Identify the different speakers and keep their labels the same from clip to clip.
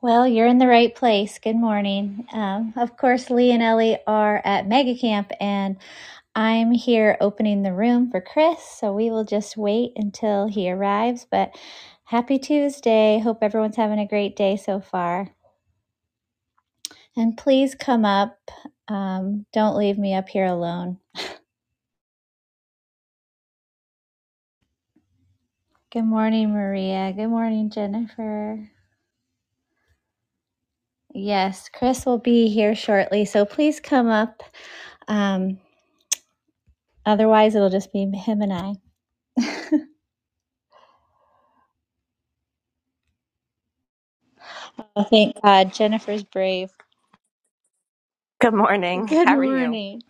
Speaker 1: Well, you're in the right place. Good morning. Um, of course, Lee and Ellie are at Mega Camp, and I'm here opening the room for Chris. So we will just wait until he arrives. But happy Tuesday. Hope everyone's having a great day so far. And please come up. Um, don't leave me up here alone. Good morning, Maria. Good morning, Jennifer. Yes, Chris will be here shortly. So please come up. Um, otherwise, it'll just be him and I. Oh, thank God. Jennifer's brave.
Speaker 2: Good morning.
Speaker 1: Good
Speaker 2: How are you?
Speaker 1: morning.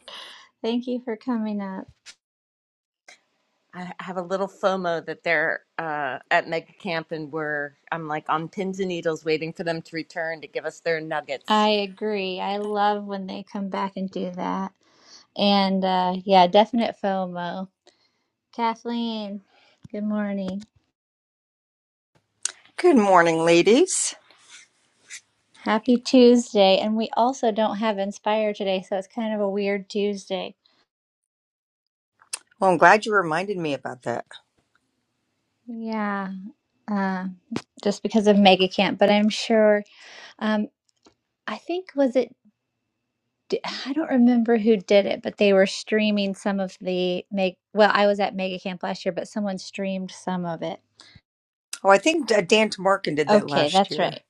Speaker 1: Thank you for coming up.
Speaker 2: I have a little FOMO that they're uh, at Mega Camp and we're I'm like on pins and needles waiting for them to return to give us their nuggets.
Speaker 1: I agree. I love when they come back and do that. And uh, yeah, definite FOMO. Kathleen, good morning.
Speaker 3: Good morning, ladies.
Speaker 1: Happy Tuesday. And we also don't have Inspire today, so it's kind of a weird Tuesday.
Speaker 3: Well, I'm glad you reminded me about that.
Speaker 1: Yeah, uh, just because of Mega Camp. But I'm sure, um, I think, was it d- I don't remember who did it, but they were streaming some of the make. Well, I was at Mega Camp last year, but someone streamed some of it.
Speaker 3: Oh, I think uh, Dan Tamarkin did that
Speaker 1: Okay,
Speaker 3: last
Speaker 1: that's
Speaker 3: year.
Speaker 1: right.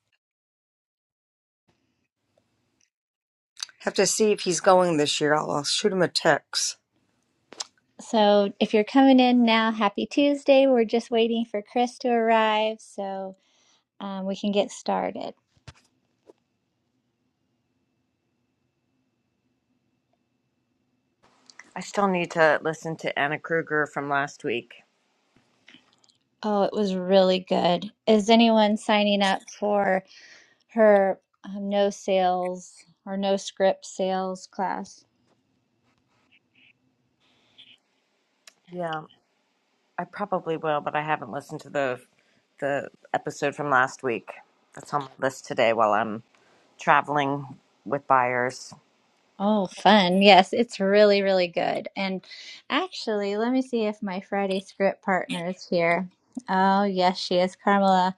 Speaker 3: Have to see if he's going this year. I'll, I'll shoot him a text.
Speaker 1: So if you're coming in now, happy Tuesday. We're just waiting for Chris to arrive so um, we can get started.
Speaker 2: I still need to listen to Anna Kruger from last week.
Speaker 1: Oh, it was really good. Is anyone signing up for her um, no sales or no script sales class?
Speaker 2: Yeah, I probably will, but I haven't listened to the the episode from last week. That's on my list today while I'm traveling with buyers.
Speaker 1: Oh, fun. Yes, it's really, really good. And actually, let me see if my Friday script partner is here. Oh, yes, she is, Carmela.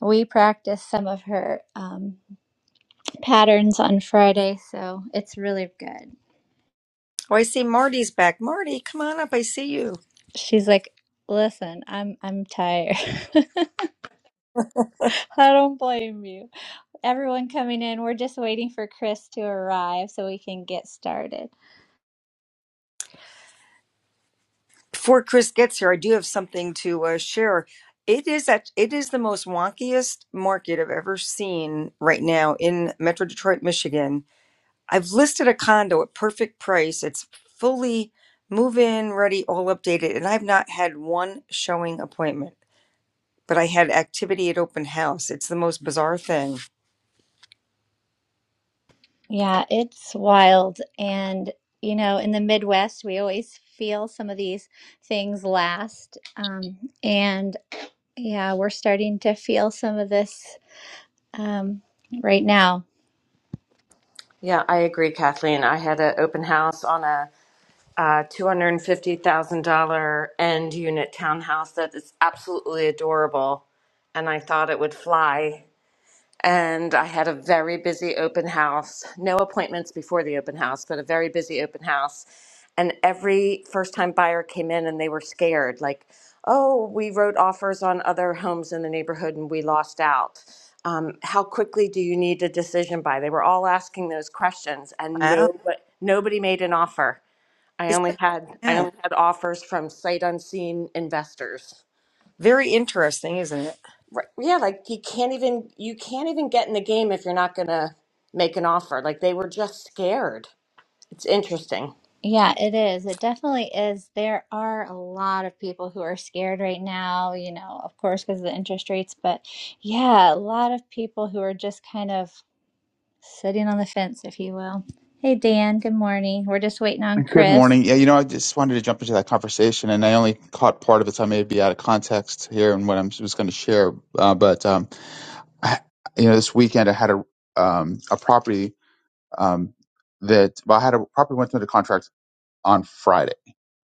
Speaker 1: We practiced some of her um, patterns on Friday, so it's really good.
Speaker 3: Oh, I see Marty's back. Marty, come on up. I see you.
Speaker 1: She's like, "Listen, I'm I'm tired. I don't blame you. Everyone coming in, we're just waiting for Chris to arrive so we can get started."
Speaker 3: Before Chris gets here, I do have something to uh, share. It is at, it is the most wonkiest market I've ever seen right now in Metro Detroit, Michigan. I've listed a condo at perfect price. It's fully move in ready, all updated, and I've not had one showing appointment. but I had activity at open house. It's the most bizarre thing.
Speaker 1: Yeah, it's wild. And, you know, in the Midwest, we always feel some of these things last. Um, and yeah, we're starting to feel some of this um, right now.
Speaker 2: Yeah, I agree, Kathleen. I had an open house on a uh, $250,000 end unit townhouse that is absolutely adorable. And I thought it would fly. And I had a very busy open house, no appointments before the open house, but a very busy open house. And every first time buyer came in and they were scared like, oh, we wrote offers on other homes in the neighborhood and we lost out. Um, how quickly do you need a decision by? They were all asking those questions and
Speaker 3: Wow.
Speaker 2: nobody, nobody made an offer. I
Speaker 3: Isn't it?
Speaker 2: only had I
Speaker 3: Yeah.
Speaker 2: only had offers from sight unseen investors.
Speaker 3: Very interesting, isn't it?
Speaker 2: Right. Yeah, like you can't even you can't even get in the game if you're not gonna make an offer. Like they were just scared. It's interesting.
Speaker 1: Yeah, it is. It definitely is. There are a lot of people who are scared right now, you know, of course, because of the interest rates. But yeah, a lot of people who are just kind of sitting on the fence, if you will. Hey, Dan, good morning. We're just waiting on
Speaker 4: Good
Speaker 1: Chris.
Speaker 4: morning. Yeah, you know, I just wanted to jump into that conversation, and I only caught part of it, so I may be out of context here and what I am was going to share. Uh, but um, I, you know, this weekend I had a um, a property um, that well, I had a property went under contract on Friday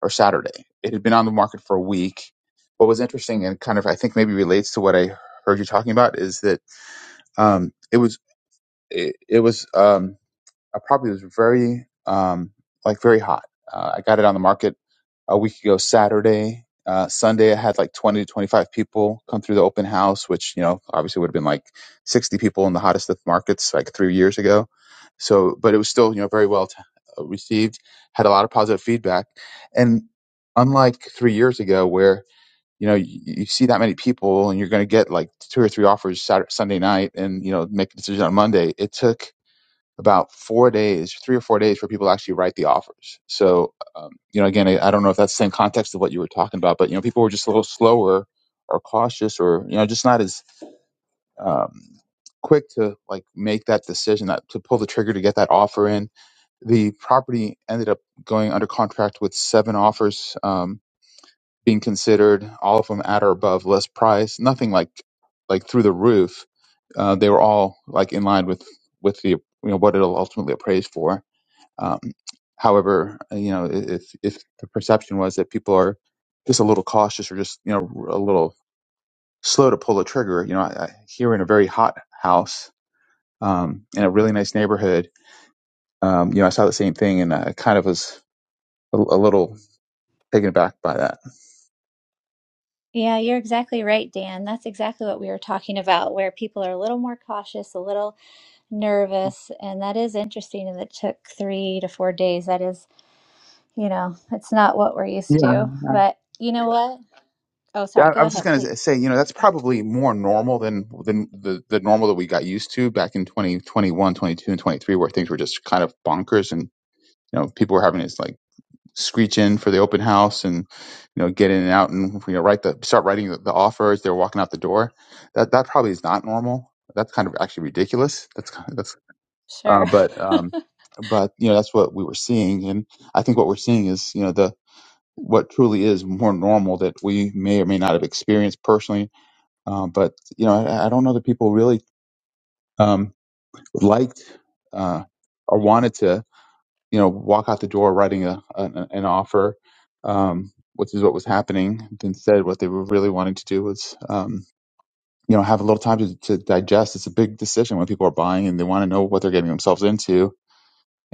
Speaker 4: or Saturday. It had been on the market for a week. What was interesting and kind of I think maybe relates to what I heard you talking about is that um, it was it, it was. Um, I probably was very um, like very hot. Uh, I got it on the market a week ago Saturday. Uh, Sunday, I had like 20 to 25 people come through the open house, which, you know, obviously would have been like 60 people in the hottest of markets like three years ago. So, but it was still, you know, very well t- uh, received, had a lot of positive feedback. And unlike three years ago, where, you know, you, you see that many people and you're going to get like two or three offers Saturday, Sunday night and, you know, make a decision on Monday, it took about four days, three or four days, for people to actually write the offers. So, um, you know, again, I, I don't know if that's the same context of what you were talking about, but you know, people were just a little slower or cautious, or you know, just not as um, quick to like make that decision that to pull the trigger to get that offer in. The property ended up going under contract with seven offers um, being considered, all of them at or above list price, nothing like like through the roof. Uh, they were all like in line with with the you know what it'll ultimately appraise for um, however, uh, you know, if if the perception was that people are just a little cautious or just you know a little slow to pull the trigger, you know, I, I, here in a very hot house um, in a really nice neighborhood, um, you know, I saw the same thing and I kind of was a, a little taken aback by that.
Speaker 1: Yeah, you're exactly right, Dan. That's exactly what we were talking about, where people are a little more cautious, a little nervous. And that is interesting that it took three to four days. That is, you know, it's not what we're used
Speaker 4: Yeah,
Speaker 1: to. But you know what? Oh, sorry.
Speaker 4: Yeah, I
Speaker 1: Go
Speaker 4: was just
Speaker 1: ahead,
Speaker 4: gonna
Speaker 1: please.
Speaker 4: say, you know, that's probably more normal than than the the normal that we got used to back in 2021, 22, and 23, where things were just kind of bonkers and you know people were having these like screech in for the open house and you know get in and out and you know write the start writing the, the offer as they're walking out the door that that probably is not normal that's kind of actually ridiculous that's kind of, that's uh,
Speaker 1: Sure.
Speaker 4: but um but you know that's what we were seeing and i think what we're seeing is you know the what truly is more normal that we may or may not have experienced personally um, but you know I, I don't know that people really um liked uh or wanted to you know, walk out the door writing a, an, an offer, um, which is what was happening. Instead, what they were really wanting to do was, um, you know, have a little time to, to digest. It's a big decision when people are buying and they want to know what they're getting themselves into.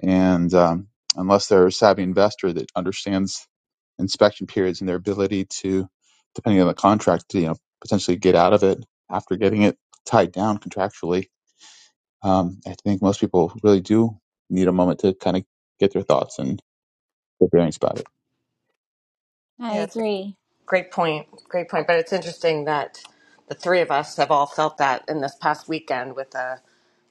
Speaker 4: And um, unless they're a savvy investor that understands inspection periods and their ability to, depending on the contract, to, you know, potentially get out of it after getting it tied down contractually, um, I think most people really do need a moment to kind of get their thoughts and Good feeling about it.
Speaker 1: I
Speaker 2: Yeah, it's a
Speaker 1: agree.
Speaker 2: great point. Great point. But it's interesting that the three of us have all felt that in this past weekend with a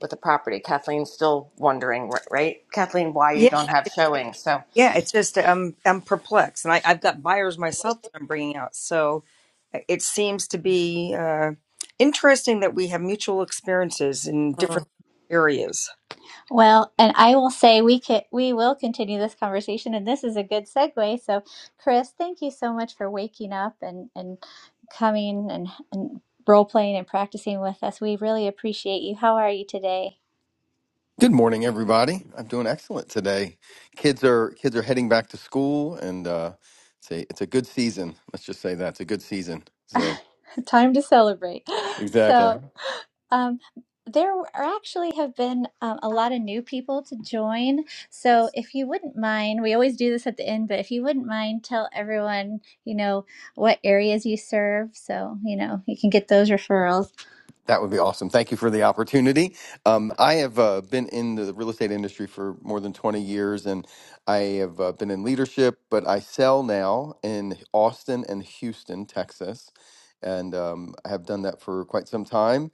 Speaker 2: with a property. Kathleen's still wondering, ri- right? Kathleen, why you don't
Speaker 3: Yeah.
Speaker 2: have
Speaker 3: It, it,
Speaker 2: showings. So
Speaker 3: yeah, it's just um, I'm perplexed, and I, I've got buyers myself that I'm bringing out. So uh, it seems to be uh, interesting that we have mutual experiences in different areas.
Speaker 1: Well, and I will say we can we will continue this conversation, and this is a good segue. So, Chris, thank you so much for waking up and and coming and, and role playing and practicing with us. We really appreciate you. How are you today?
Speaker 5: Good morning, everybody. I'm doing excellent today. Kids are kids are heading back to school, and uh, it's a it's a good season. Let's just say that it's a good season. So
Speaker 1: Time to celebrate.
Speaker 5: exactly,
Speaker 1: So. Um, there are- actually have been um, a lot of new people to join. So if you wouldn't mind, we always do this at the end, but if you wouldn't mind, tell everyone, you know, what areas you serve. So, you know, you can get those referrals.
Speaker 5: That would be awesome. Thank you for the opportunity. Um, I have uh, been in the real estate industry for more than 20 years and I have uh, been in leadership, but I sell now in Austin and Houston, Texas. And um, I have done that for quite some time.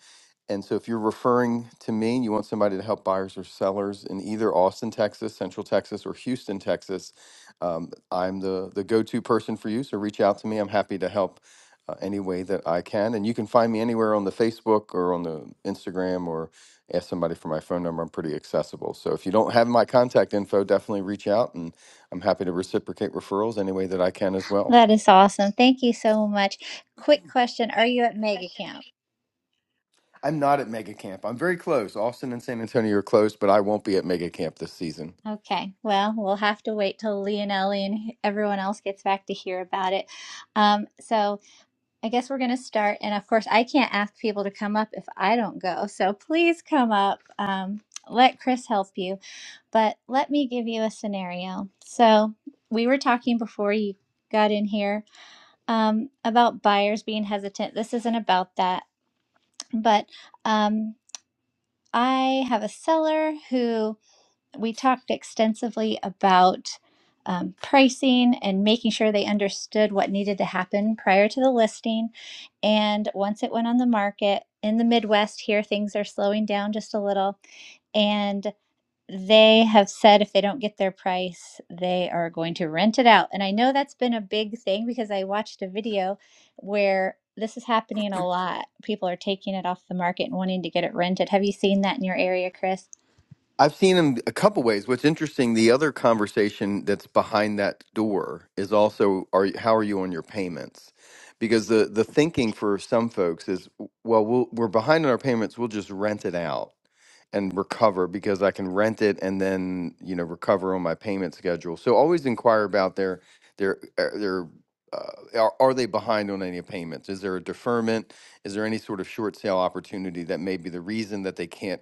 Speaker 5: And so if you're referring to me and you want somebody to help buyers or sellers in either Austin, Texas, Central Texas, or Houston, Texas, um, I'm the, the go to person for you. So reach out to me. I'm happy to help uh, any way that I can. And you can find me anywhere on the Facebook or on the Instagram or ask somebody for my phone number. I'm pretty accessible. So if you don't have my contact info, definitely reach out and I'm happy to reciprocate referrals any way that I can as well.
Speaker 1: That is awesome. Thank you so much. Quick question. Are you at mega camp?
Speaker 5: I'm not at Mega Camp. I'm very close. Austin and San Antonio are close, but I won't be at Mega Camp this season.
Speaker 1: Okay. Well, we'll have to wait till Leonelli and everyone else gets back to hear about it. Um, so, I guess we're going to start. And of course, I can't ask people to come up if I don't go. So please come up. Um, let Chris help you. But let me give you a scenario. So we were talking before you got in here um, about buyers being hesitant. This isn't about that. But um, I have a seller who we talked extensively about um, pricing and making sure they understood what needed to happen prior to the listing. And once it went on the market in the Midwest, here things are slowing down just a little. And they have said if they don't get their price, they are going to rent it out. And I know that's been a big thing because I watched a video where this is happening a lot. People are taking it off the market and wanting to get it rented. Have you seen that in your area, Chris?
Speaker 5: I've seen him a couple ways. What's interesting, the other conversation that's behind that door is also are you- how are you on your payments? Because the the thinking for some folks is well, we'll we're behind on our payments, we'll just rent it out and recover because I can rent it and then, you know, recover on my payment schedule. So always inquire about their their uh, their uh, are, are they behind on any payments? Is there a deferment? Is there any sort of short sale opportunity that may be the reason that they can't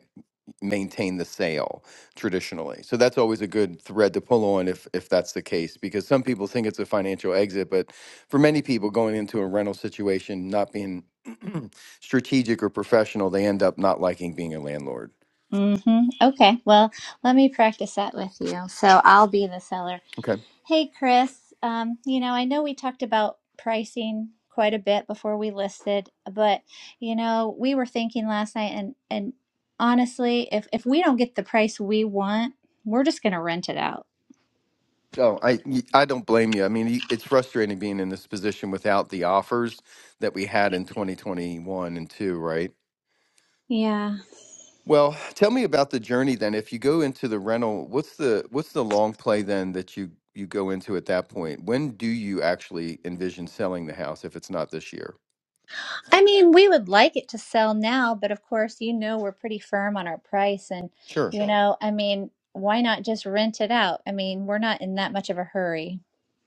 Speaker 5: maintain the sale traditionally. So that's always a good thread to pull on if if that's the case because some people think it's a financial exit, but for many people going into a rental situation not being strategic or professional, they end up not liking being a landlord.
Speaker 1: Mm-hmm. Okay. Well, let me practice that with you. So I'll be the seller.
Speaker 5: Okay.
Speaker 1: Hey, Chris. Um, you know, I know we talked about pricing quite a bit before we listed, but you know, we were thinking last night, and and honestly, if if we don't get the price we want, we're just going to rent it out.
Speaker 5: Oh, I y- I don't blame you. I mean, y- it's frustrating being in this position without the offers that we had in 2021 and 2, right?
Speaker 1: Yeah.
Speaker 5: Well, tell me about the journey then. If you go into the rental, what's the what's the long play then that you you go into at that point? When do you actually envision selling the house if it's not this year?
Speaker 1: I mean, we would like it to sell now, but of course, you know, we're pretty firm on our price, and
Speaker 5: Sure.
Speaker 1: you Sure. know, I mean, why not just rent it out? I mean, we're not in that much of a hurry.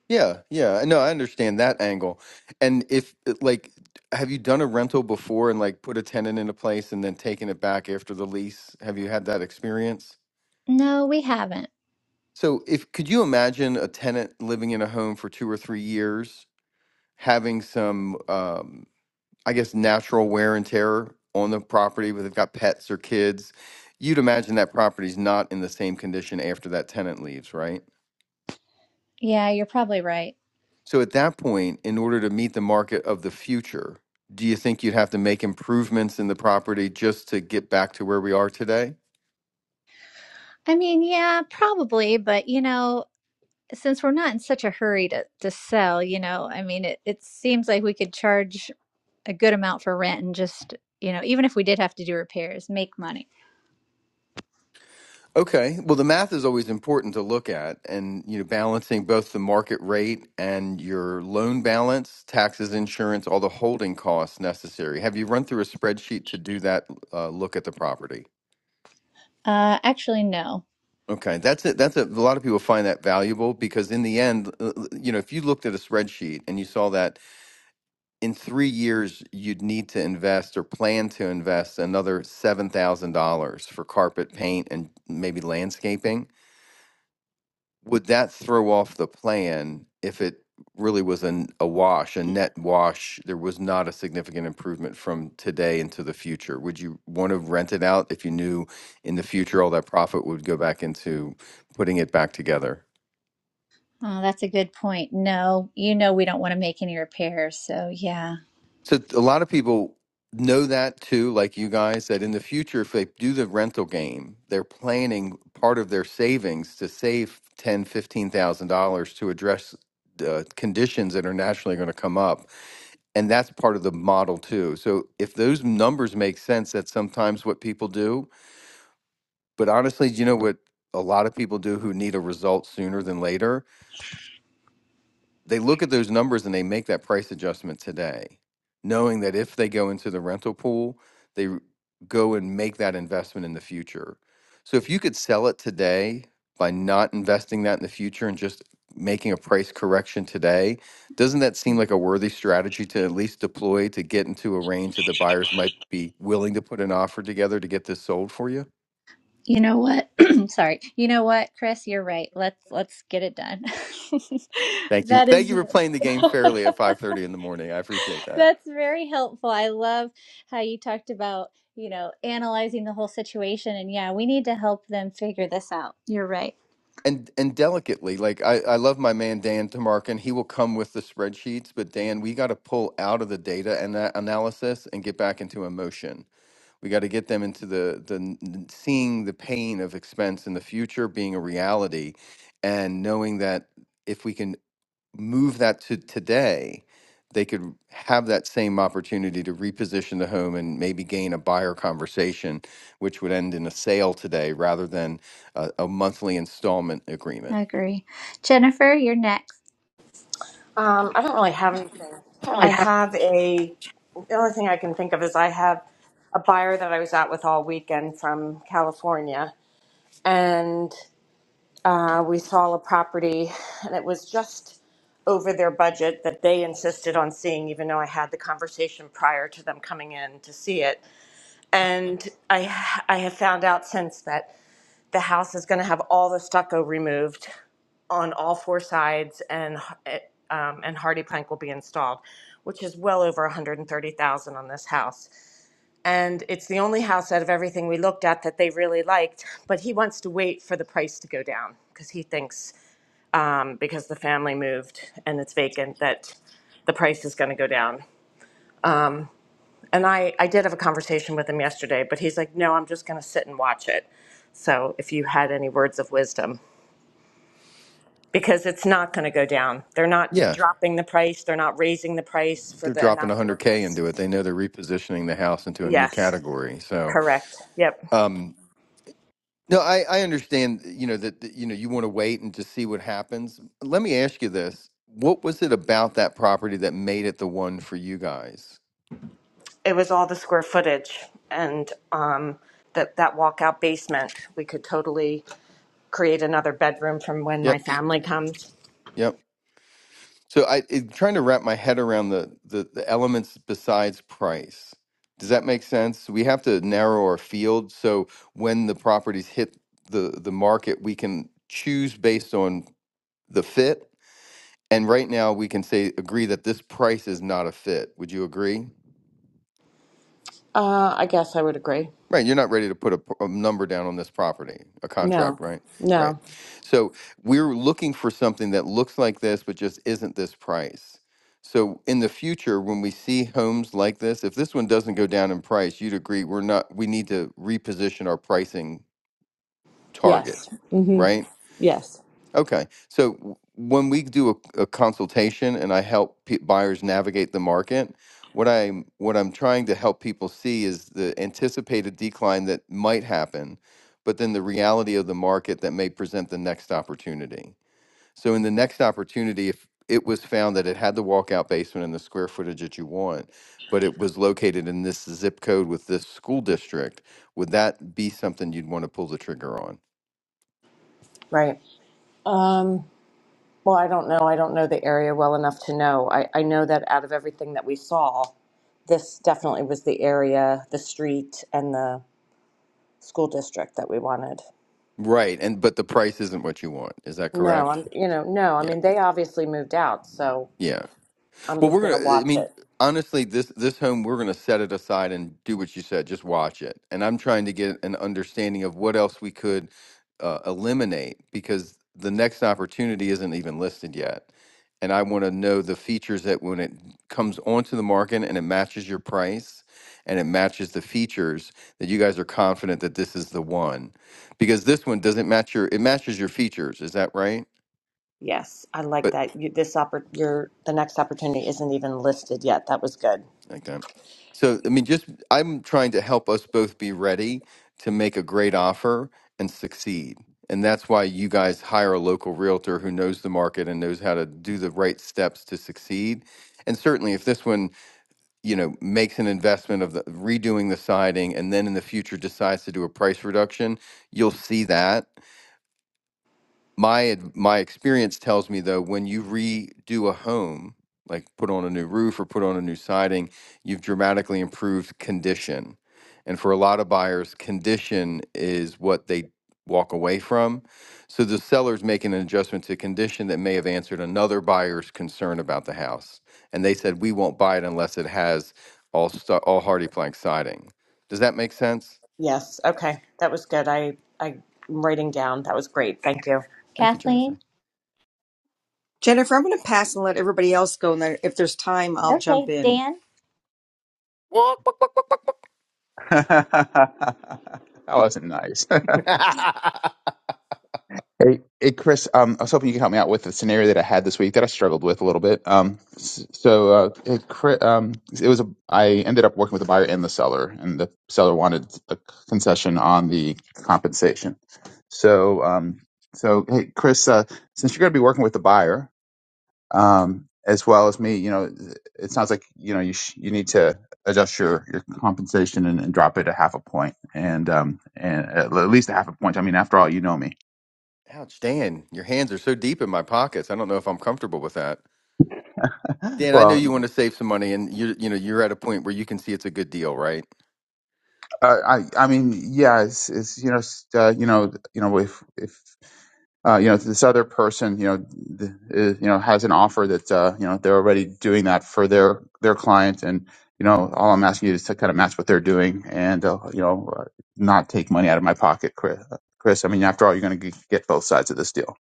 Speaker 5: Yeah, yeah. No, I understand that angle. And if uh, like have you done a rental before and like put a tenant into place and then taken it back after the lease? Have you had that experience?
Speaker 1: No, we haven't.
Speaker 5: So, if could you imagine a tenant living in a home for two or three years, having some? um, I guess, natural wear and tear on the property, whether they've got pets or kids, you'd imagine that property's not in the same condition after that tenant leaves, right?
Speaker 1: Yeah, you're probably right.
Speaker 5: So at that point, in order to meet the market of the future, do you think you'd have to make improvements in the property just to get back to where we are today?
Speaker 1: I mean, yeah, probably, but you know, since we're not in such a hurry to to sell, you know, I mean, it it seems like we could charge a good amount for rent and just, you know, even if we did have to do repairs, make money.
Speaker 5: Okay. Well, the math is always important to look at and, you know, balancing both the market rate and your loan balance, taxes, insurance, all the holding costs necessary. Have you run through a spreadsheet to do that uh, look at the property?
Speaker 1: Uh, actually, no.
Speaker 5: Okay. That's it. That's a, a lot of people find that valuable because in the end, uh, uh, you know, if you looked at a spreadsheet and you saw that in three years, you'd need to invest or plan to invest another $7,000 for carpet paint and maybe landscaping would that throw off the plan if it really was an, a wash, a net wash? There was not a significant improvement from today into the future. Would you want to rent it out if you knew in the future all that profit would go back into putting it back together?
Speaker 1: Oh, that's a good point. No, you know, we don't want to make any repairs, so yeah.
Speaker 5: So a lot of people know that too, like you guys, that in the future, if they do the rental game, they're planning part of their savings to save ten, fifteen thousand dollars to address the conditions that are nationally going to come up, and that's part of the model too. So if those numbers make sense, that's sometimes what people do. But honestly, do you know what a lot of people do who need a result sooner than later? they look at those numbers and they make that price adjustment today, knowing that if they go into the rental pool, they r- go and make that investment in the future. So if you could sell it today by not investing that in the future and just making a price correction today, doesn't that seem like a worthy strategy to at least deploy to get into a range that the buyers might be willing to put an offer together to get this sold for you?
Speaker 1: You know what? Sorry. You know what, Chris, you're right. Let's let's get it done.
Speaker 5: Thank you.
Speaker 1: That
Speaker 5: Thank you
Speaker 1: is
Speaker 5: for playing the game fairly at 5:30 in the morning. I appreciate that.
Speaker 1: That's very helpful. I love how you talked about, you know, analyzing the whole situation. And yeah, we need to help them figure this out. You're right.
Speaker 5: and and delicately like I, I love my man dan tamarkin he will come with the spreadsheets but dan we got to pull out of the data and that analysis and get back into emotion we got to get them into the the n- seeing the pain of expense in the future being a reality and knowing that if we can move that to today, they could have that same opportunity to reposition the home and maybe gain a buyer conversation, which would end in a sale today rather than a, a monthly installment agreement.
Speaker 1: I agree. Jennifer, you're next.
Speaker 2: Um, I don't really have anything. I have a, the only thing I can think of is I have a buyer that I was out with all weekend from California. And uh, we saw a property, and it was just over their budget that they insisted on seeing, even though I had the conversation prior to them coming in to see it. And I, I have found out since that the house is going to have all the stucco removed on all four sides and um, and hardy plank will be installed which is well over 130,000 on this house and it's the only house out of everything we looked at that they really liked but he wants to wait for the price to go down because he thinks um, because the family moved and it's vacant that the price is going to go down and I, I did have a conversation with him yesterday but he's like no i'm just going to sit and watch it so if you had any words of wisdom because it's not going to go down. They're not
Speaker 5: Yeah,
Speaker 2: dropping the price. They're not raising the price for
Speaker 5: they're
Speaker 2: the
Speaker 5: dropping
Speaker 2: amount of work
Speaker 5: 100K
Speaker 2: that's.
Speaker 5: into it. They know they're repositioning the house into a new
Speaker 2: Yes,
Speaker 5: category. So,
Speaker 2: correct. Yep.
Speaker 5: um, no, I, I understand, you know, that, that, you know, you want to wait and just see what happens. Let me ask you this. What was it about that property that made it the one for you guys?
Speaker 2: It was all the square footage and um, that that walkout basement. We could totally create another bedroom from when my
Speaker 5: Yep.
Speaker 2: family comes.
Speaker 5: Yep. So I, am trying to wrap my head around the, the the elements besides price. Does that make sense? We have to narrow our field so when the properties hit the the market, we can choose based on the fit. And right now, we can say agree that this price is not a fit. Would you agree?
Speaker 2: Uh, I guess I would agree.
Speaker 5: Right, you're not ready to put a, p- a number down on this property, a
Speaker 2: No,
Speaker 5: contract, right? Right.
Speaker 2: no.
Speaker 5: So we're looking for something that looks like this, but just isn't this price. So in the future, when we see homes like this, if this one doesn't go down in price, you'd agree we're not, we need to reposition our pricing target,
Speaker 2: Yes. Mm-hmm.
Speaker 5: right?
Speaker 2: Yes.
Speaker 5: Okay. So w- when we do a, a consultation and I help pe buyers navigate the market, what I'm what I'm trying to help people see is the anticipated decline that might happen, but then the reality of the market that may present the next opportunity. So in the next opportunity, if it was found that it had the walkout basement and the square footage that you want, but it was located in this zip code with this school district, would that be something you'd want to pull the trigger on?
Speaker 2: Right. Um, well, I don't know. I don't know the area well enough to know. I, I know that out of everything that we saw, this definitely was the area, the street, and the school district that we wanted.
Speaker 5: Right, and but the price isn't what you want. Is that
Speaker 2: No,
Speaker 5: correct?
Speaker 2: I'm, you know, no, I
Speaker 5: Yeah.
Speaker 2: mean, they obviously moved out, so
Speaker 5: Yeah.
Speaker 2: I'm
Speaker 5: Well,
Speaker 2: just going
Speaker 5: we're
Speaker 2: to
Speaker 5: gonna. I
Speaker 2: watch
Speaker 5: mean,
Speaker 2: it.
Speaker 5: honestly, this this home we're gonna set it aside and do what you said. Just watch it, and I'm trying to get an understanding of what else we could uh, eliminate because the next opportunity isn't even listed yet, and I want to know the features that when it comes onto the market and it matches your price and it matches the features that you guys are confident that this is the one because this one doesn't match your it matches your features. Is that right?
Speaker 2: Yes, I like that. You, this oppor your, the next opportunity isn't even listed yet. That was good.
Speaker 5: Okay. So, I mean, just I'm trying to help us both be ready to make a great offer and succeed. And that's why you guys hire a local realtor who knows the market and knows how to do the right steps to succeed. And certainly, if this one, you know, makes an investment of the, redoing the siding and then in the future decides to do a price reduction, you'll see that my ad- my experience tells me though when you redo a home like put on a new roof or put on a new siding you've dramatically improved condition and for a lot of buyers condition is what they walk away from so the seller's making an adjustment to condition that may have answered another buyer's concern about the house and they said we won't buy it unless it has all stu all hardy plank siding does that make sense
Speaker 2: Yes, okay, that was good. I, I'm writing down. That was great. Thank you.
Speaker 5: thank you jennifer
Speaker 1: Kathleen?
Speaker 3: Jennifer, I'm going to pass and let everybody else go, and then if there's time, I'll jump
Speaker 1: Okay.
Speaker 3: in.
Speaker 1: Dan?
Speaker 5: What?
Speaker 4: that wasn't nice. hey, hey, Chris. Um, I was hoping you could help me out with a scenario that I had this week that I struggled with a little bit. Um, s- so uh, it, cri- um, it was a. I ended up working with the buyer and the seller, and the seller wanted a concession on the compensation. So, um, so hey, Chris. Uh, since you're going to be working with the buyer. um, as well as me. You know, it sounds like you know you sh- you need to adjust your your compensation and, and drop it a half a point, and um, and at at least a half a point. I mean, after all, you know me.
Speaker 5: Ouch, Dan, your hands are so deep in my pockets. I don't know if I'm comfortable with that. Dan, I know
Speaker 4: well,
Speaker 5: you want to save some money and you you know, you're at a point where you can see it's a good deal, right?
Speaker 4: uh, I I mean, yeah, it's, it's you know s- uh, you know you know if if uh, you know, this other person, you know, th- uh, you know, has an offer that uh, you know they're already doing that for their their client, and you know, all I'm asking you is to kind of match what they're doing, and uh, you know, uh, not take money out of my pocket, Chris. uh, Chris, I mean, after all, you're going to get both sides of this deal.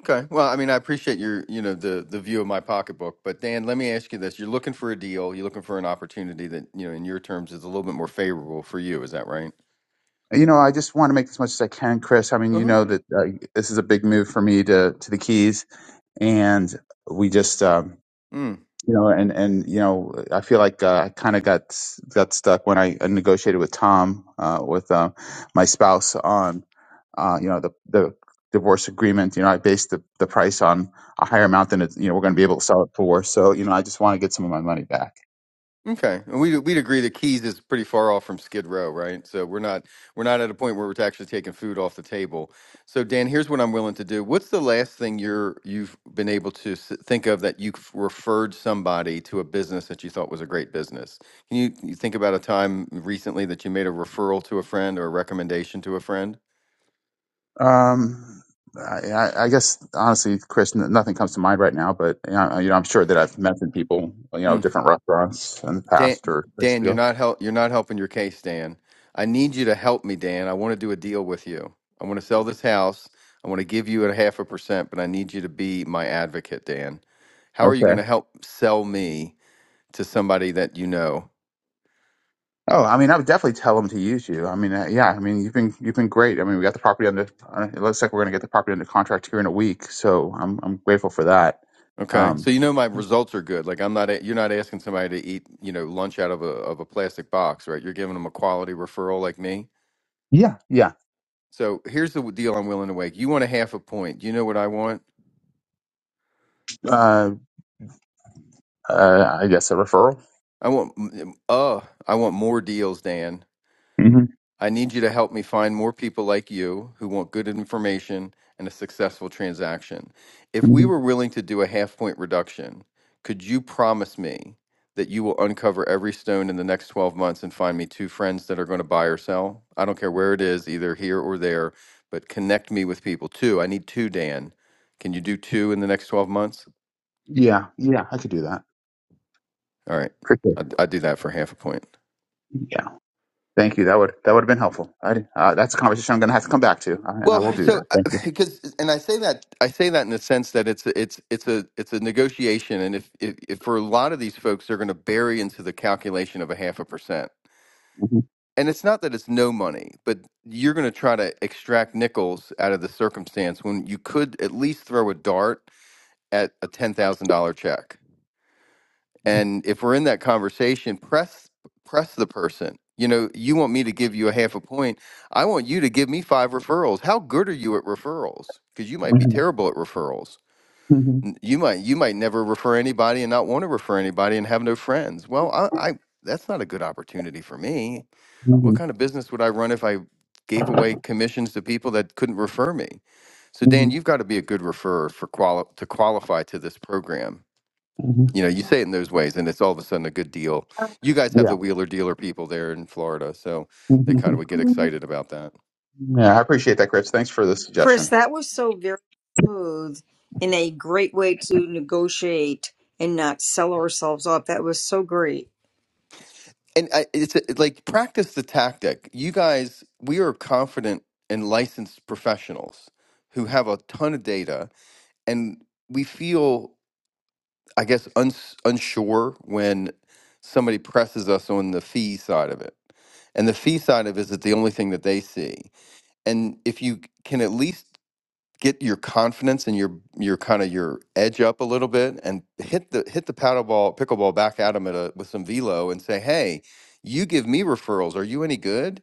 Speaker 5: Okay. Well, I mean, I appreciate your, you know, the the view of my pocketbook, but Dan, let me ask you this. You're looking for a deal, you're looking for an opportunity that, you know, in your terms is a little bit more favorable for you, is that right?
Speaker 4: You know, I just want to make as much as I can, Chris. I mean, you
Speaker 5: Uh-huh.
Speaker 4: know that uh, this is a big move for me to to the Keys, and we just. Um,
Speaker 5: Mm.
Speaker 4: you know, and and you know, I feel like uh, I kind of got got stuck when I negotiated with Tom, uh, with uh, my spouse on, uh, you know, the the divorce agreement. You know, I based the, the price on a higher amount than it's, you know we're going to be able to sell it for. So you know, I just want to get some of my money back.
Speaker 5: Okay, and we'd we'd agree that Keys is pretty far off from Skid Row, right? So we're not we're not at a point where we're actually taking food off the table. So Dan, here's what I'm willing to do. What's the last thing you're you've been able to s- think of that you c- referred somebody to a business that you thought was a great business? Can you, can you think about a time recently that you made a referral to a friend or a recommendation to a friend?
Speaker 4: Um, I, I I guess honestly, Chris, n- nothing comes to mind right now, but you know, you know, I'm sure that I've mentioned people, you know, different restaurants in the
Speaker 5: Dan,
Speaker 4: past or places
Speaker 5: Dan,
Speaker 4: to
Speaker 5: you're
Speaker 4: go.
Speaker 5: not help. You're not helping your case, Dan. I need you to help me, Dan. I want to do a deal with you. I want to sell this house. I want to give you a half a percent, but I need you to be my advocate, Dan. How are you
Speaker 4: Okay.
Speaker 5: going to help sell me to somebody that you know?
Speaker 4: Oh, I mean, I would definitely tell them to use you. I mean, uh, yeah, I mean, you've been you've been great. I mean, we got the property under. Uh, it looks like we're going to get the property under contract here in a week, so I'm I'm grateful for that.
Speaker 5: Okay, so
Speaker 4: Um,
Speaker 5: you know my results are good. Like I'm not. a- You're not asking somebody to eat, you know, lunch out of a of a plastic box, right? You're giving them a quality referral, like me.
Speaker 4: yeah, yeah.
Speaker 5: So here's the deal. I'm willing to make. You want a half a point. Do you know what I want?
Speaker 4: Uh, uh, I guess a referral.
Speaker 5: I want uh I want more deals, Dan.
Speaker 4: hmm
Speaker 5: I need you to help me find more people like you who want good information and a successful transaction. If we
Speaker 4: hmm
Speaker 5: were willing to do a half point reduction, could you promise me that you will uncover every stone in the next 12 months and find me two friends that are going to buy or sell? I don't care where it is, either here or there, but connect me with people. Two, I need two, Dan. Can you do two in the next 12 months?
Speaker 4: Yeah, yeah, I could do that.
Speaker 5: All right.
Speaker 4: Appreciate
Speaker 5: I'd, I'd do that for half a point.
Speaker 4: it. Yeah, thank you. That would that would have been helpful. I, uh, that's a conversation I'm going to have to come back to, I, I
Speaker 5: Well,
Speaker 4: will do
Speaker 5: so
Speaker 4: that.
Speaker 5: uh,
Speaker 4: Thank you.
Speaker 5: because, and I say that I say that in the sense that it's a- it's it's a it's a negotiation, and if, if, if for a lot of these folks, they're going to bury into the calculation of a half a percent,
Speaker 4: hmm
Speaker 5: and it's not that it's no money, but you're going to try to extract nickels out of the circumstance when you could at least throw a dart at a ten thousand dollar check and if we're in that conversation press press the person you know you want me to give you a half a point i want you to give me five referrals how good are you at referrals because you might be
Speaker 4: hmm
Speaker 5: terrible at referrals
Speaker 4: hmm
Speaker 5: N- you might you might never refer anybody and not want to refer anybody and have no friends well i, I that's not a good opportunity for me what kind of business would i run if i gave away commissions to people that couldn't refer me so dan
Speaker 4: hmm
Speaker 5: you've got to be a good referrer for quali- to qualify to this program
Speaker 4: hmm
Speaker 5: you know, you say it in those ways, and it's all of a sudden a good deal. You guys have
Speaker 4: Yeah.
Speaker 5: the wheeler dealer people there in Florida, so they kind of would get excited about that.
Speaker 4: Yeah, I appreciate that, Chris. Thanks for the suggestion.
Speaker 3: Chris, that was so very smooth and a great way to negotiate and not sell ourselves off. That was so great.
Speaker 5: And I, it's it's like practice the tactic. You guys, we are confident and licensed professionals who have a ton of data, and we feel, I guess, uns, unsure when somebody presses us on the fee side of it. And the fee side of it is the only thing that they see. And if you can at least get your confidence and your your kind of your edge up a little bit and hit the hit the paddle ball pickleball back at them at a, with some velo and say hey you give me referrals are you any good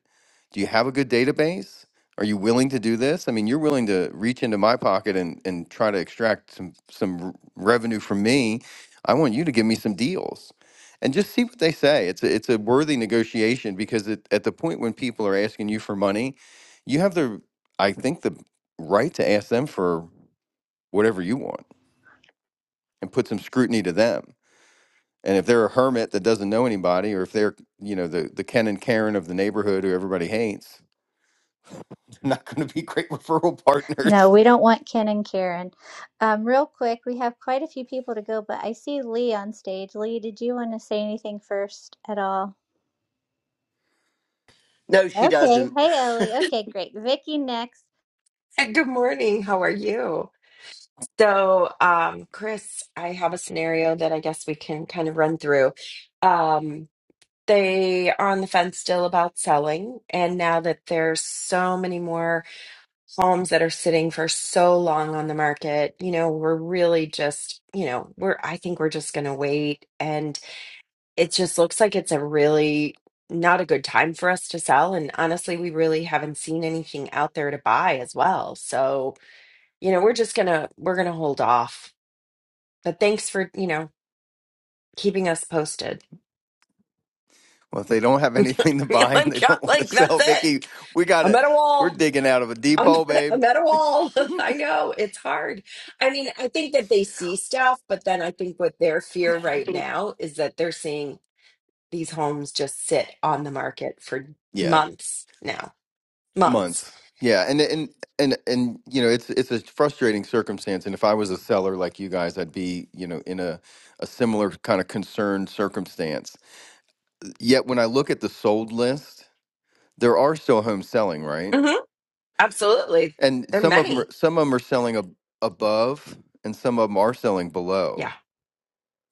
Speaker 5: do you have a good database are you willing to do this i mean you're willing to reach into my pocket and and try to extract some some r- revenue from me i want you to give me some deals and just see what they say it's a, it's a worthy negotiation because it, at the point when people are asking you for money you have the I think the right to ask them for whatever you want and put some scrutiny to them. And if they're a hermit that doesn't know anybody, or if they're, you know, the, the Ken and Karen of the neighborhood who everybody hates, they're not going to be great referral
Speaker 1: No,
Speaker 5: partners.
Speaker 1: we don't want Ken and Karen. Um, real quick, we have quite a few people to go, but I see Lee on stage. Lee, did you want to say anything first at all?
Speaker 6: No, she
Speaker 1: Okay.
Speaker 6: doesn't.
Speaker 1: Hey, Ellie. Okay, great. Vicky next.
Speaker 7: Hey, Good morning. How are you? So, um, Chris, I have a scenario that I guess we can kind of run through. Um, they are on the fence still about selling, and now that there's so many more homes that are sitting for so long on the market, you know, we're really just, you know, we're I think we're just going to wait, and it just looks like it's a really not a good time for us to sell. And honestly, we really haven't seen anything out there to buy as well. So, you know, we're just gonna we're gonna hold off. But thanks for, you know, keeping us posted.
Speaker 5: Well, if they don't have anything to
Speaker 7: like
Speaker 5: buy and they
Speaker 7: I'm
Speaker 5: don't want to
Speaker 7: like that's
Speaker 5: sell,
Speaker 7: it.
Speaker 5: Vicky, we got
Speaker 7: I'm
Speaker 5: to,
Speaker 7: at a
Speaker 5: we're
Speaker 7: wall.
Speaker 5: digging out of a deep
Speaker 7: I'm
Speaker 5: hole,
Speaker 7: at a,
Speaker 5: babe.
Speaker 7: I'm at a wall. I know it's hard. I mean, I think that they see stuff, but then I think what their fear right now is that they're seeing these homes just sit on the market for
Speaker 5: Yeah,
Speaker 7: months now. Months.
Speaker 5: months. Yeah, and and and and you know, it's it's a frustrating circumstance. And if I was a seller like you guys, I'd be you know in a a similar kind of concerned circumstance. Yet when I look at the sold list, there are still homes selling, right?
Speaker 7: hmm Absolutely.
Speaker 5: And
Speaker 7: There are
Speaker 5: some of them are,
Speaker 7: many.
Speaker 5: some of them are selling ab- above and some of them are selling below
Speaker 7: Yeah.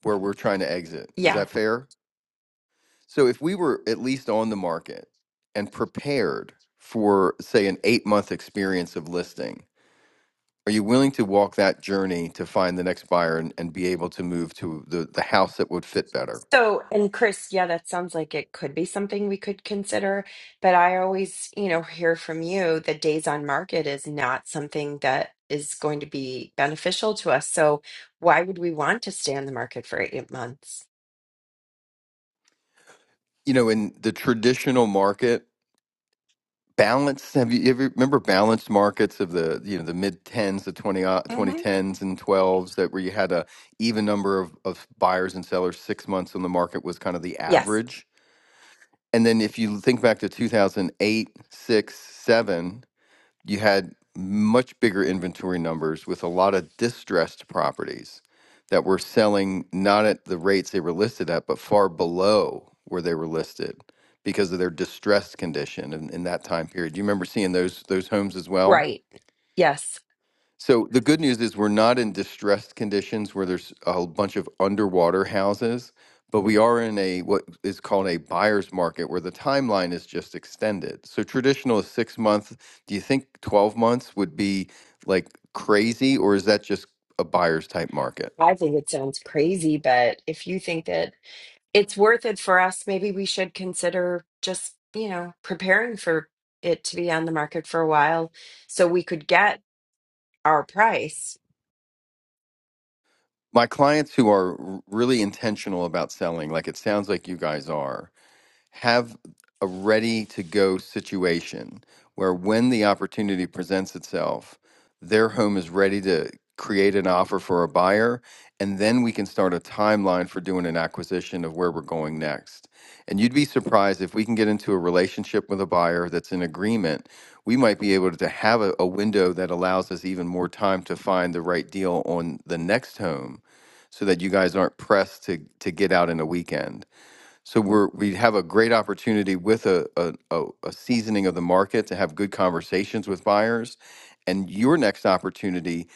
Speaker 5: where we're trying to exit. Is
Speaker 7: Yeah.
Speaker 5: that fair? So if we were at least on the market and prepared for say an 8-month experience of listing, are you willing to walk that journey to find the next buyer and, and be able to move to the, the house that would fit better?
Speaker 7: So, and Chris, yeah, that sounds like it could be something we could consider, but I always, you know, hear from you that days on market is not something that is going to be beneficial to us. So, why would we want to stay on the market for eight months?
Speaker 5: You know, in the traditional market, balance have you you ever remember balanced markets of the you know the mid 10s the 20 uh,
Speaker 7: hmm
Speaker 5: 2010s and 12s that where you had a even number of, of buyers and sellers six months on the market was kind of the
Speaker 7: Yes,
Speaker 5: average and then if you think back to 2008, 6, 7 you had much bigger inventory numbers with a lot of distressed properties that were selling not at the rates they were listed at, but far below where they were listed because of their distressed condition in, in that time period. Do you remember seeing those those homes as well?
Speaker 7: right. Yes.
Speaker 5: So the good news is we're not in distressed conditions where there's a bunch of underwater houses, but we are in a what is called a buyer's market where the timeline is just extended. So traditional is six months. Do you think 12 months would be like crazy, or is that just a buyer's type market?
Speaker 7: I think it sounds crazy, but if you think that it's worth it for us, maybe we should consider just, you know, preparing for it to be on the market for a while so we could get our price
Speaker 5: My clients who are r- really intentional about selling, like it sounds like you guys are, have a ready to go situation where when the opportunity presents itself, their home is ready to create an offer for a buyer. And then we can start a timeline for doing an acquisition of where we're going next. And you'd be surprised if we can get into a relationship with a buyer that's in agreement, we might be able to have a, a window that allows us even more time to find the right deal on the next home so that you guys aren't pressed to, to get out in a weekend. So we're we have a great opportunity with a, a a a seasoning of the market to have good conversations with buyers, and your next opportunity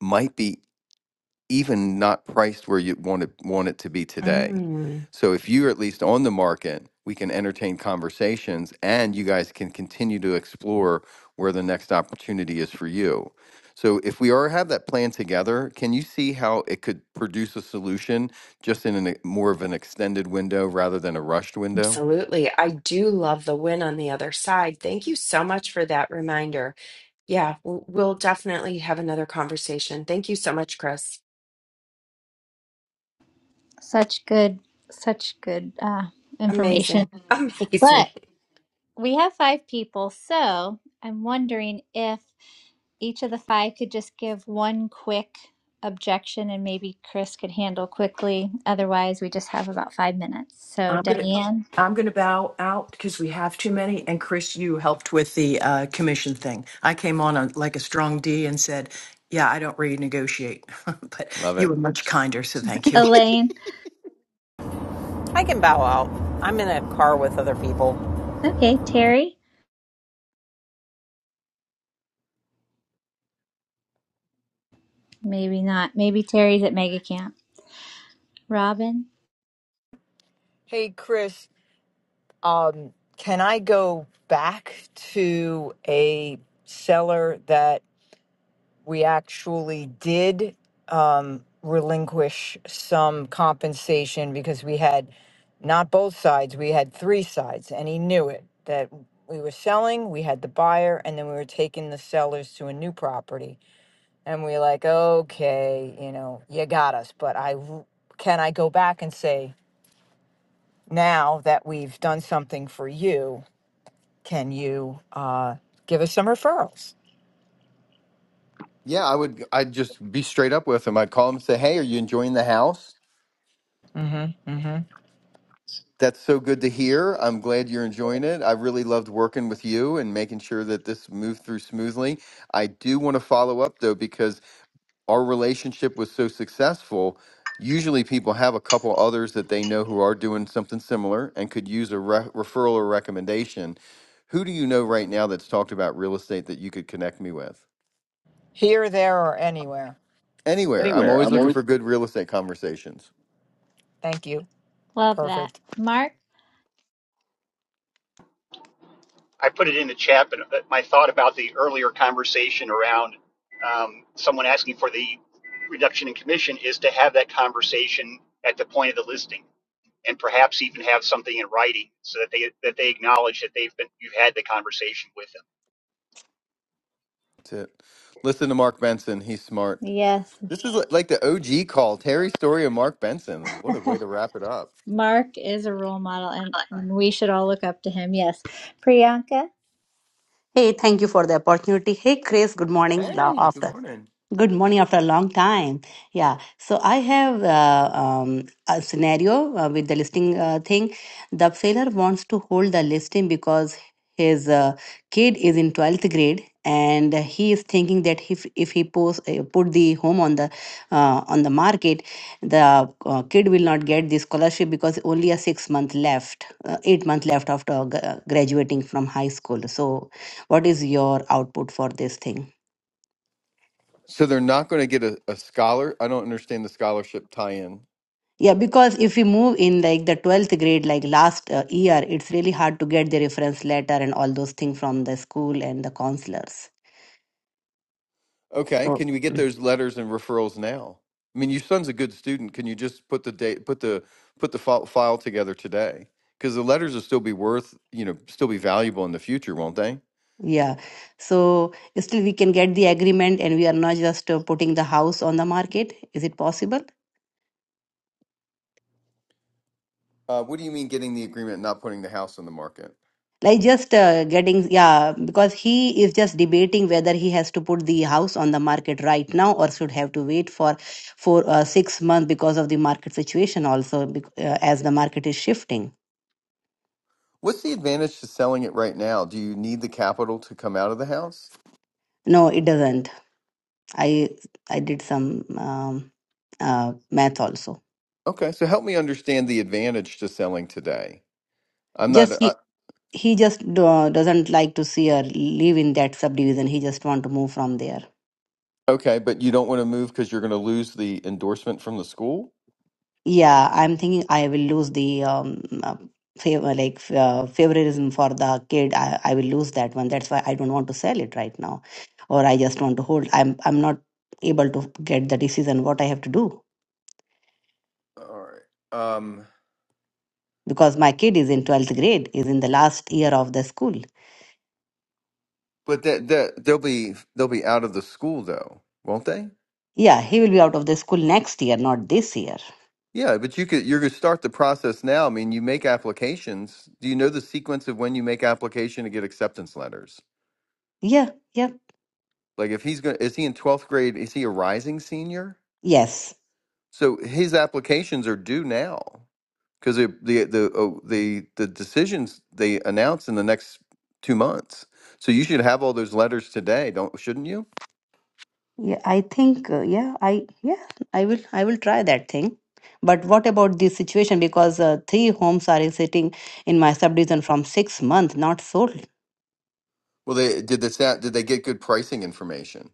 Speaker 5: might be even not priced where you want it want it to be today.
Speaker 7: Mm,
Speaker 5: So if you're at least on the market, we can entertain conversations and you guys can continue to explore where the next opportunity is for you. So if we are have that plan together, can you see how it could produce a solution just in an, e- more of an extended window rather than a rushed window?
Speaker 7: absolutely. I do love the win on the other side. Thank you so much for that reminder. Yeah, w- we'll definitely have another conversation. Thank you so much, Chris.
Speaker 1: Such good, such good uh, information.
Speaker 7: Amazing. Amazing.
Speaker 1: But we have five people, so I'm wondering if each of the five could just give one quick objection and maybe Chris could handle quickly. Otherwise, we just have about five minutes. So,
Speaker 8: I'm gonna
Speaker 1: Diane,
Speaker 8: I'm gonna bow out because we have too many. And Chris, you helped with the uh, commission thing. I came on a, like a strong D and said, "Yeah, I don't renegotiate," but
Speaker 5: Love
Speaker 8: you
Speaker 5: it.
Speaker 8: were much kinder, so thank you.
Speaker 1: Elaine,
Speaker 9: I can bow out. I'm in a car with other people.
Speaker 1: okay, Terry, maybe not. Maybe Terry's at Mega Camp. Robin,
Speaker 10: Hey, Chris, um, can I go back to a seller that we actually did um, relinquish some compensation because we had not both sides, we had three sides, and he knew it that we were selling, we had the buyer, and then we were taking the sellers to a new property. And we are like, okay, you know, you got us, but I w- can I go back and say, now that we've done something for you? can you uh, give us some referrals?
Speaker 5: Yeah, I would I'd just be straight up with them. I'd call them and say, "Hey, are you enjoying the house?"
Speaker 10: Mm-hmm. Mm-hmm.
Speaker 5: That's so good to hear. I'm glad you're enjoying it. I really loved working with you and making sure that this moved through smoothly. I do want to follow up though, because our relationship was so successful. Usually, people have a couple others that they know who are doing something similar and could use a re- referral or recommendation. Who do you know right now that's talked about real estate that you could connect me with?
Speaker 10: Here, there, or anywhere.
Speaker 5: Anywhere. I'm
Speaker 10: Anywhere.
Speaker 5: always
Speaker 10: I'm
Speaker 5: looking
Speaker 10: always
Speaker 5: for good real estate conversations.
Speaker 10: Thank you.
Speaker 1: love
Speaker 10: Perfect.
Speaker 1: that. Mark,
Speaker 11: I put it in the chat, but my thought about the earlier conversation around um, someone asking for the reduction in commission is to have that conversation at the point of the listing, and perhaps even have something in writing so that they that they acknowledge that they've been you've had the conversation with. them.
Speaker 5: That's it. Listen to Mark Benson. He's smart.
Speaker 1: yes.
Speaker 5: This is what- like the OG call, Terry Story and Mark Benson. What a way to wrap it up.
Speaker 1: Mark is a role model and and we should all look up to him. Yes. Priyanka,
Speaker 12: Hey, thank you for the opportunity. Hey, Chris, good morning. Love
Speaker 5: Hey,
Speaker 12: after.
Speaker 5: good morning.
Speaker 12: Good morning after a long time. Yeah. So I have uh, um, a scenario uh, with the listing uh, thing. The seller wants to hold the listing because his uh, kid is in 12th grade and he is thinking that if, if he post, uh, put the home on the uh, on the market the uh, kid will not get the scholarship because only a 6 month left uh, 8 month left after gra- graduating from high school so what is your output for this thing
Speaker 5: So they're not going to get a, a scholar. I don't understand the scholarship tie-in.
Speaker 12: Yeah, because if we move in like the 12th grade, like last uh, year, it's really hard to get the reference letter and all those things from the school and the counselors.
Speaker 5: Okay,
Speaker 12: So,
Speaker 5: can we get
Speaker 12: Mm.
Speaker 5: those letters and referrals now? I mean, your son's a good student. Can you just put the date, put the put the file, file together today? Because the letters will still be worth, you know, still be valuable in the future, won't they?
Speaker 12: yeah. So, still we can get the agreement and we are not just uh, putting the house on the market. Is it possible?
Speaker 5: Uh, what do you mean getting the agreement, and not putting the house on the market?
Speaker 12: Like just uh, getting, yeah, because he is just debating whether he has to put the house on the market right now or should have to wait for for uh, six months because of the market situation also, bec- uh, as the market is shifting.
Speaker 5: What's the advantage to selling it right now? Do you need the capital to come out of the house?
Speaker 12: No, it doesn't. I I did some um, uh, math also.
Speaker 5: Okay, so help me understand the advantage to selling today. I'm not
Speaker 12: Just
Speaker 5: uh,
Speaker 12: he he just do, doesn't like to see her live in that subdivision. He just want to move from there.
Speaker 5: okay, but you don't want to move because you're going to lose the endorsement from the school.
Speaker 12: Yeah, I'm thinking I will lose the um, uh, favor like uh, favoritism for the kid. I, I will lose that one. That's why I don't want to sell it right now, or I just want to hold. I'm I'm not able to get the decision what I have to do
Speaker 5: All right. Um,
Speaker 12: because my kid is in twelfth grade, is in the last year of the school.
Speaker 5: but that that they'll be they'll be out of the school though, won't they?
Speaker 12: Yeah, he will be out of the school next year, not this year.
Speaker 5: Yeah, but you could you're going to start the process now. I mean, you make applications. Do you know the sequence of when you make application to get acceptance letters?
Speaker 12: Yeah, yeah.
Speaker 5: Like if he's going, is he in twelfth grade? Is he a rising senior?
Speaker 12: Yes.
Speaker 5: So his applications are due now. because the the the oh, the the decisions they announce in the next two months. So you should have all those letters today, don't shouldn't you?
Speaker 12: Yeah, I think uh, yeah, I yeah, I will I will try that thing. But what about this situation because uh, three homes are sitting in my subdivision from 6 months not sold.
Speaker 5: Well, they did this. That, did they get good pricing information?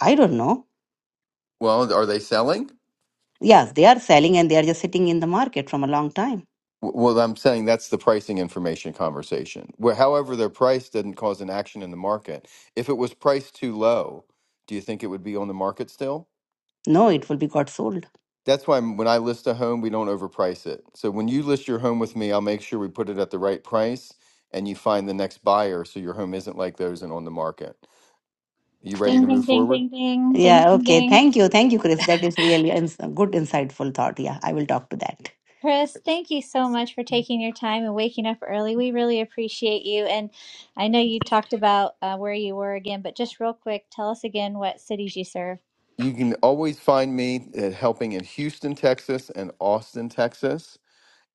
Speaker 12: I don't know.
Speaker 5: Well, are they selling?
Speaker 12: Yes, they are selling and they are just sitting in the market from a long time.
Speaker 5: W- Well, I'm saying that's the pricing information conversation. Where, however, their price didn't cause an action in the market. If it was priced too low, do you think it would be on the market still?
Speaker 12: No, it will be got sold.
Speaker 5: That's why m- when I list a home, we don't overprice it. So when you list your home with me, I'll make sure we put it at the right price and you find the next buyer so your home isn't like those and on the market. You ready
Speaker 12: Oh.
Speaker 1: ding,
Speaker 5: to move
Speaker 1: ding, ding,
Speaker 5: forward?
Speaker 1: ding, ding, ding,
Speaker 12: Yeah,
Speaker 1: ding,
Speaker 12: okay.
Speaker 1: ding.
Speaker 12: Thank you. Thank you, Chris. That is really ins- good insightful thought. Yeah, I will talk to that.
Speaker 1: Chris, thank you so much for taking your time and waking up early. We really appreciate you. And I know you talked about uh, where you were again, but just real quick, tell us again what cities you serve.
Speaker 5: You can always find me uh, helping in Houston, Texas and Austin, Texas.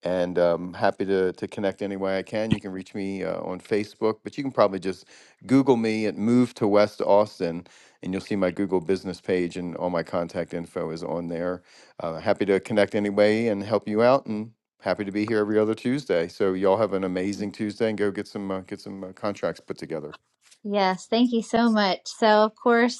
Speaker 5: and um, happy to, to connect any way I can. You can reach me uh, on Facebook, but you can probably just Google me at Move to West Austin, and you'll see my Google business page, and all my contact info is on there. Uh, happy to connect any way and help you out, and happy to be here every other Tuesday. So y'all have an amazing Tuesday, and go get some uh, get some uh, contracts put together.
Speaker 1: Yes, thank you so much. So, of course,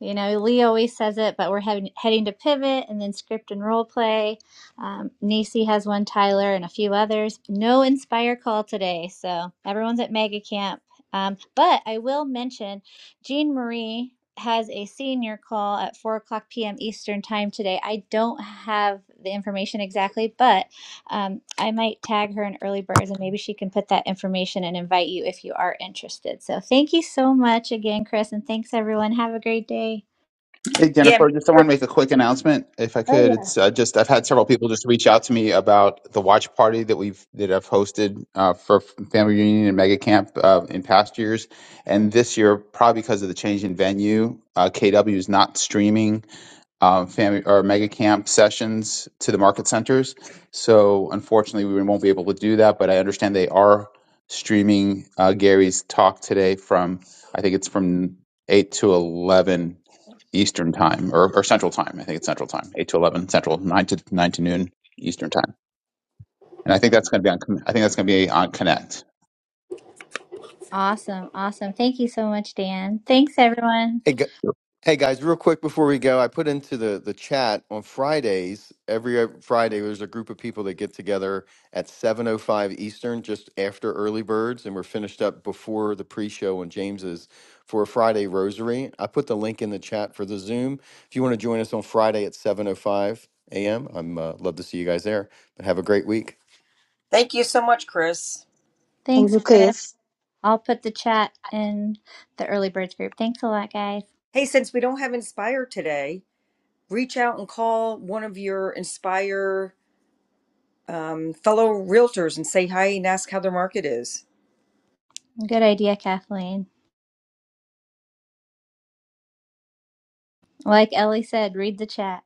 Speaker 1: you know, Lee always says it, but we're heading heading to pivot and then script and role play. Um, Nisi has one, Tyler, and a few others. No Inspire call today, so everyone's at Mega Camp. Um, but I will mention, Jean Marie has a senior call at four o'clock p.m. Eastern time today. I don't have the information exactly, but um, I might tag her in Early Birds and maybe she can put that information and invite you if you are interested. So thank you so much again, Chris, and thanks everyone. Have a great day.
Speaker 4: Hey,
Speaker 3: Yeah. make
Speaker 4: Jennifer, just I
Speaker 3: sure-
Speaker 4: want to make a quick announcement, if I
Speaker 1: Oh,
Speaker 4: could.
Speaker 1: yeah.
Speaker 4: It's uh, just I've had several people just reach out to me about the watch party that we've that I've hosted uh, for family reunion and mega camp uh, in past years, and this year, probably because of the change in venue, uh, KW is not streaming um, family or mega camp sessions to the market centers. So unfortunately, we won't be able to do that. But I understand they are streaming uh, Gary's talk today from I think it's from eight to eleven Eastern time or, or Central time. I think it's Central time, eight to eleven Central, nine to nine to noon Eastern time and I think that's going to be on. I think that's going to be on Connect.
Speaker 1: Awesome. Awesome. Thank you so much, Dan. Thanks everyone.
Speaker 5: Hey. g- Hey guys, real quick before we go, I put into the the chat on Fridays. Every uh, Friday, there's a group of people that get together at 7:05 Eastern, just after early birds, and we're finished up before the pre-show on James's for a Friday rosary. I put the link in the chat for the Zoom. If you want to join us on Friday at 7:05 a.m., I'm uh, love to see you guys there. But have a great week.
Speaker 3: Thank you so much, Chris.
Speaker 1: Thanks, Chris. I'll put the chat in the Early Birds group. Thanks a lot, guys.
Speaker 3: Hey, since we don't have Inspire today, reach out and call one of your Inspire um, fellow realtors and say hi and ask how their market is.
Speaker 1: Good idea, Kathleen. Like Ellie said, read the chat.